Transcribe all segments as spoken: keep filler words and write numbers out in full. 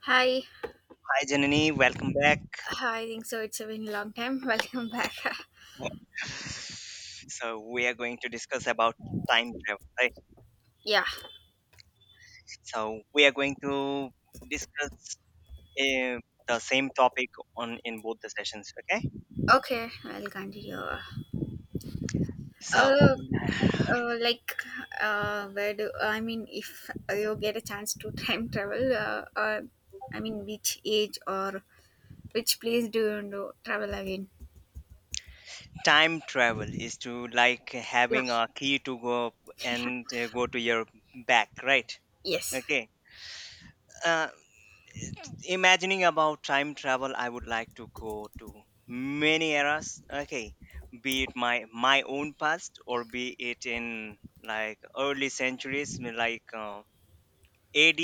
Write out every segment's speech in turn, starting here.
Hi, Hi Janani, welcome back. I think so. It's been a long time. Welcome back. So we are going to discuss about time travel, right? Yeah. So we are going to discuss uh, the same topic on in both the sessions, okay? Okay. I'll continue. So Uh, uh like, uh, where do I mean? If you get a chance to time travel, uh, uh, I mean, which age or which place do you want to travel again? time travel is to like Yeah. having a key to go up and uh, go to your back, right? Yes. Okay. Uh, Imagining about time travel, I would like to go to many eras, okay, be it my my own past or be it in like early centuries. I like uh, AD,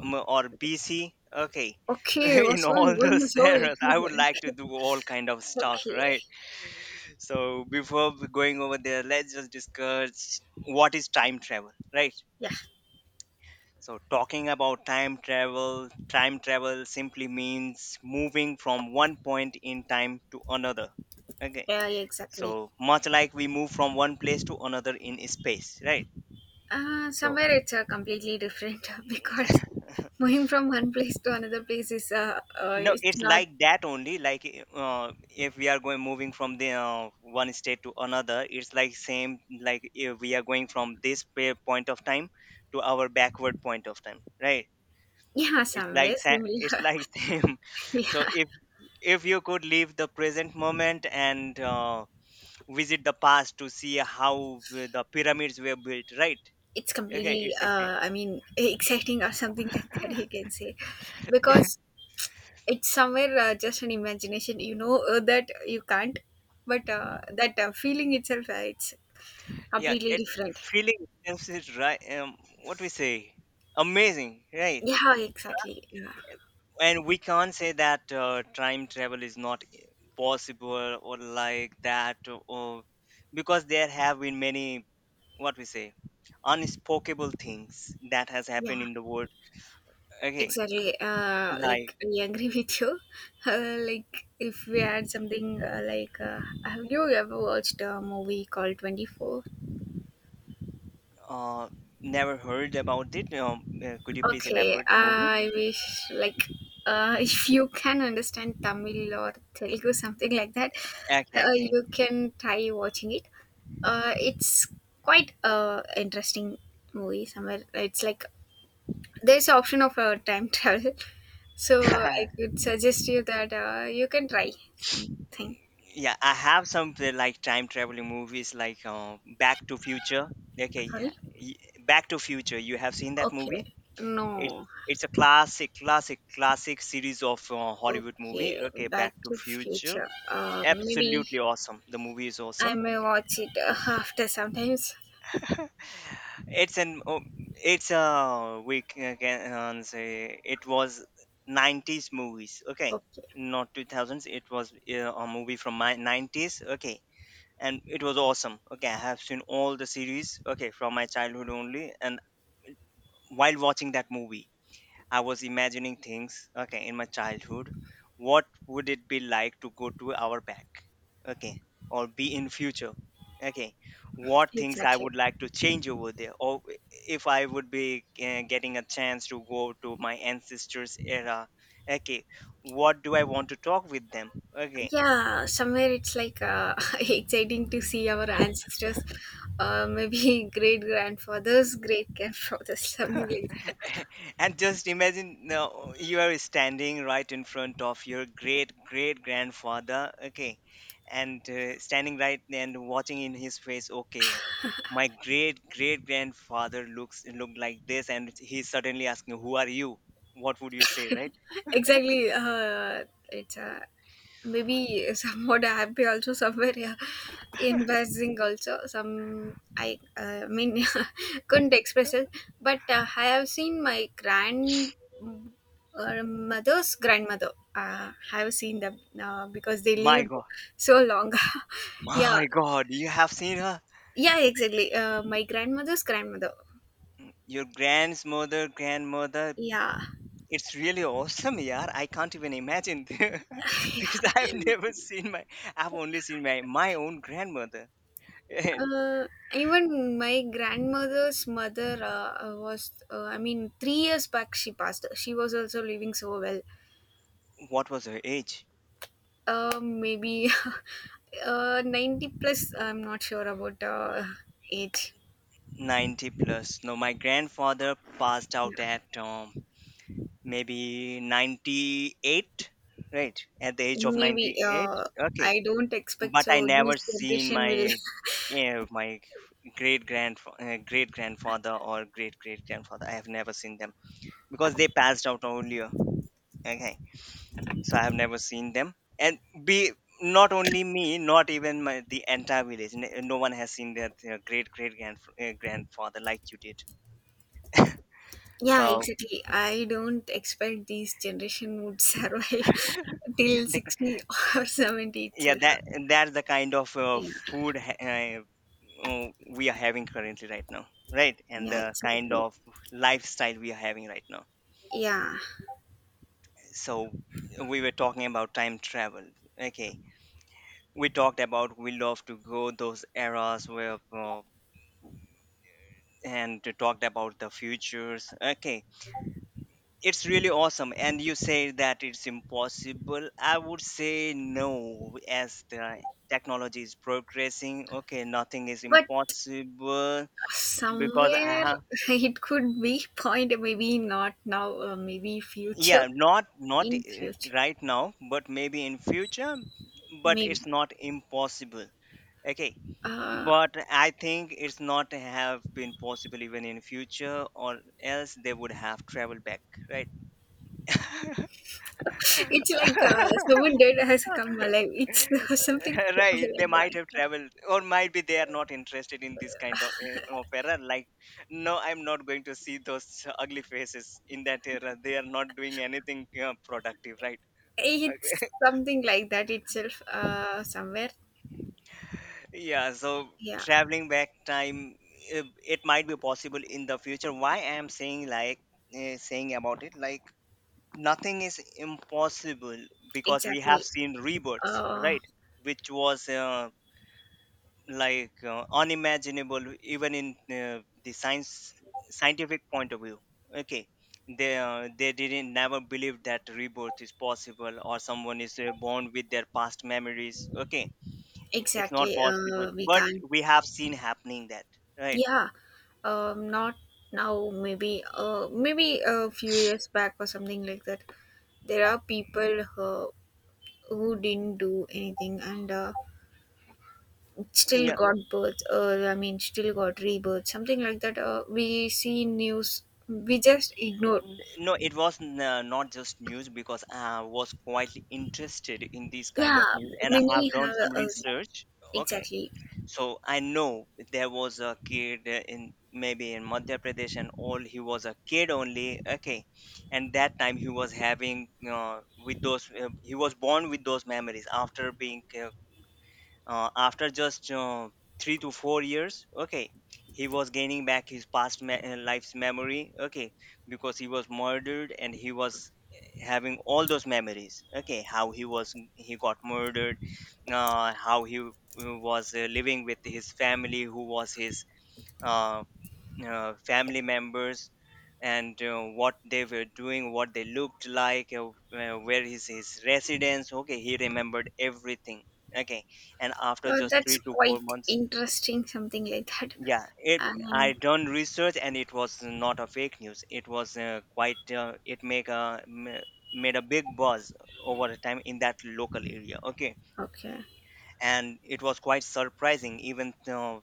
um, or BC, okay. Okay. In What's going all going those this eras I would like to whole? do all kind of stuff, Okay. right? So before going over there, let's just discuss what is time travel, right? Yeah. So, talking about time travel, time travel simply means moving from one point in time to another. Okay. Yeah. Exactly. So, much like we move from one place to another in space, right? Uh, So, somewhere it's uh, completely different, because moving from one place to another place is uh, uh no, it's it's not. like that only. Like, uh, if we are going moving from the uh, one state to another, it's like same. Like, if we are going from this pa- point of time to our backward point of time, right? Yeah, It's somewhere like sa- it's similar. like same. So Yeah, if you could leave the present moment and uh, visit the past to see how the pyramids were built, right? it's Okay, completely, it's like uh I mean, exciting or something, like that same. you can say. Because it's somewhere, uh, just an imagination, you know uh, that you can't. But uh, that uh, feeling itself, uh, it's Yeah, completely it's different. feeling itself is right, um, what we say, amazing, right? Yeah, exactly. Yeah. And we can't say that uh, time travel is not possible or like that, or because there have been many, what we say, unspeakable things that has happened Yeah, in the world, okay, exactly. Uh, like. like I agree with you. Uh, like, if we had something, uh, like, uh, have you ever watched a movie called Twenty Four? Uh, never heard about it. Um, uh, could you please Okay. elaborate the movie? I wish, like, uh, if you can understand Tamil or Telugu something like that, Okay, uh, you can try watching it. Uh, it's quite a interesting movie. Somewhere it's like there's option of uh, time travel. So I okay. could suggest you that uh, you can try something. Yeah, I have some uh, like time traveling movies like uh, Back to Future. Okay, yeah. Sorry. y- Back to Future. You have seen that Okay. movie? It No. it's a classic, classic, classic series of uh, Hollywood Okay, movie. Okay, back Back to to Future. future, uh, maybe Absolutely awesome. The movie is I awesome. may watch it uh, after sometimes. It's an oh, it's a we ca- can uh, say it was nineties movies, okay, Okay. not two thousands. It was uh, a movie from my nineties, okay, and it was awesome, okay. I have seen all the series, okay, from my childhood only, and while watching that movie I was imagining things, okay, in my childhood. What would it be like to go to our back, okay, or be in future, okay? What things I Exactly. would like to change over there, or if I would be uh, getting a chance to go to my ancestors' era, okay? What do I want to talk with them, okay? Yeah, somewhere it's like, uh, exciting to see our ancestors, uh, maybe great grandfathers great grandfathers, something like that. And just imagine, no, you are standing right in front of your great great grandfather, okay, and uh, standing right there and watching in his face, okay. My great great grandfather looks looked like this and he's suddenly asking who are you, what would you say, right? Exactly. uh it's uh Maybe somewhat happy also, somewhere, yeah, embarrassing also. Some, I uh, mean, couldn't express it. But uh, i have seen my grand uh, mother's grandmother. Uh, i have seen them uh, because they My lived god. so long. Yeah. My god, you have seen her. Yeah, exactly. Uh, my grandmother's grandmother. Your grandmother grandmother. Yeah. It's really awesome, yeah. I can't even imagine because I've never seen my, I've only seen my, my own grandmother. Eh, Uh, even my grandmother's mother, uh, uh, was, uh, I mean, three years back she passed. She was also living so well. what was her age? Uh, maybe uh, ninety plus, I'm not sure about uh, age. ninety plus. No, my grandfather passed Yeah. out at um, maybe ninety-eight, right? At the age of Maybe, ninety-eight. uh, Okay. I don't expect But I so these never seen generation will. my, yeah, my great grand uh, great grandfather or great great grandfather. I have never seen them because they passed out earlier. Okay, so I have never seen them, and be, not only me, not even my the entire village, n- no one has seen their, their great great grand, uh, grandfather like you did. Yeah, So exactly. I don't expect these generation would survive till the, sixty or seventy yeah, itself. that that's the kind of uh, Yeah, food ha- uh, uh, we are having currently right now, right, and yeah, the kind exactly. of lifestyle we are having right now. Yeah, So we were talking about time travel, okay. We talked about we love to go those eras where uh, and talked about the futures, okay. It's really awesome, and you say that it's impossible, I would say no. As the technology is progressing, okay, nothing is but impossible, because I somewhere, have. it could be point, maybe not now, uh, maybe Yeah, future, not not in uh, future, right now, but maybe in future. But maybe. it's not impossible, okay. Uh, But I think it's not have been possible even in future, or else they would have traveled back, right. it's like, uh, someone dead has come alive. It's something Right, they like might have that. traveled, or might be they are not interested in this kind of, uh, of era like, no I'm not going to see those ugly faces in that era. They are not doing anything uh, productive, right? It's Okay. something like that itself. Uh, somewhere. Yeah, so Yeah, traveling back time, uh, it might be possible in the future. Why I am saying like, uh, saying about it like, nothing is impossible, because we have exactly. seen rebirths, Uh, right, which was uh, like uh, unimaginable even in uh, the science, scientific point of view, okay. They uh, they didn't never believe that rebirth is possible, or someone is uh, born with their past memories, okay. It's not exactly. possible, Uh, we but can. we have seen happening that, right. Yeah. Um, not now. Maybe. Uh, maybe a few years back or something like that. There are people who who didn't do anything and uh, still Yeah. got birth, or I mean still got rebirth, something like that. Uh, we see in news, we just ignore. N- no, it was n- uh, not just news, because I was quite interested in this kind Yeah, of news and I many have done have. some uh, research. Okay. exactly So I know there was a kid in maybe in Madhya Pradesh and all, he was a kid only, okay, and that time he was having uh, with those uh, he was born with those memories after being uh, uh, after just uh, three to four years, okay. He was gaining back his past me- uh, life's memory, okay, because he was murdered and he was, eh, having all those memories, okay, how he was he got murdered, uh, how he uh, was uh, living with his family, who was his uh, uh, family members, and uh, what they were doing, what they looked like, uh, uh, where is his residence. Okay, he remembered everything. Okay, and after uh, just that's three to four quite months, interesting, something like that. yeah, it. I um, done research and it was not a fake news. It was uh, quite uh, it make a ma- made a big buzz over the time in that local area. Okay, okay and it was quite surprising. Even uh,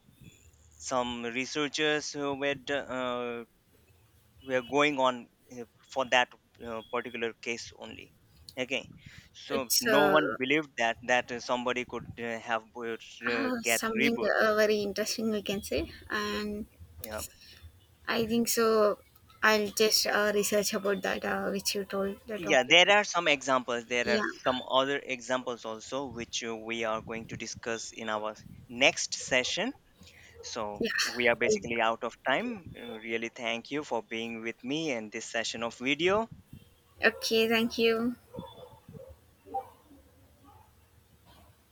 some researchers who were d- uh, we are going on uh, for that uh, particular case only, okay. So It's no uh, one believed that that uh, somebody could uh, have birth- uh, uh, get something, rebirth. uh, very interesting, we can say. And Yeah. I think so, I'll just uh, research about that, uh, which you told, the Yeah, topic. there are some examples, there are Yeah. some other examples also, which uh, we are going to discuss in our next session. So Yeah. we are basically out of time. Uh, really thank you for being with me in this session of video. Okay, thank you.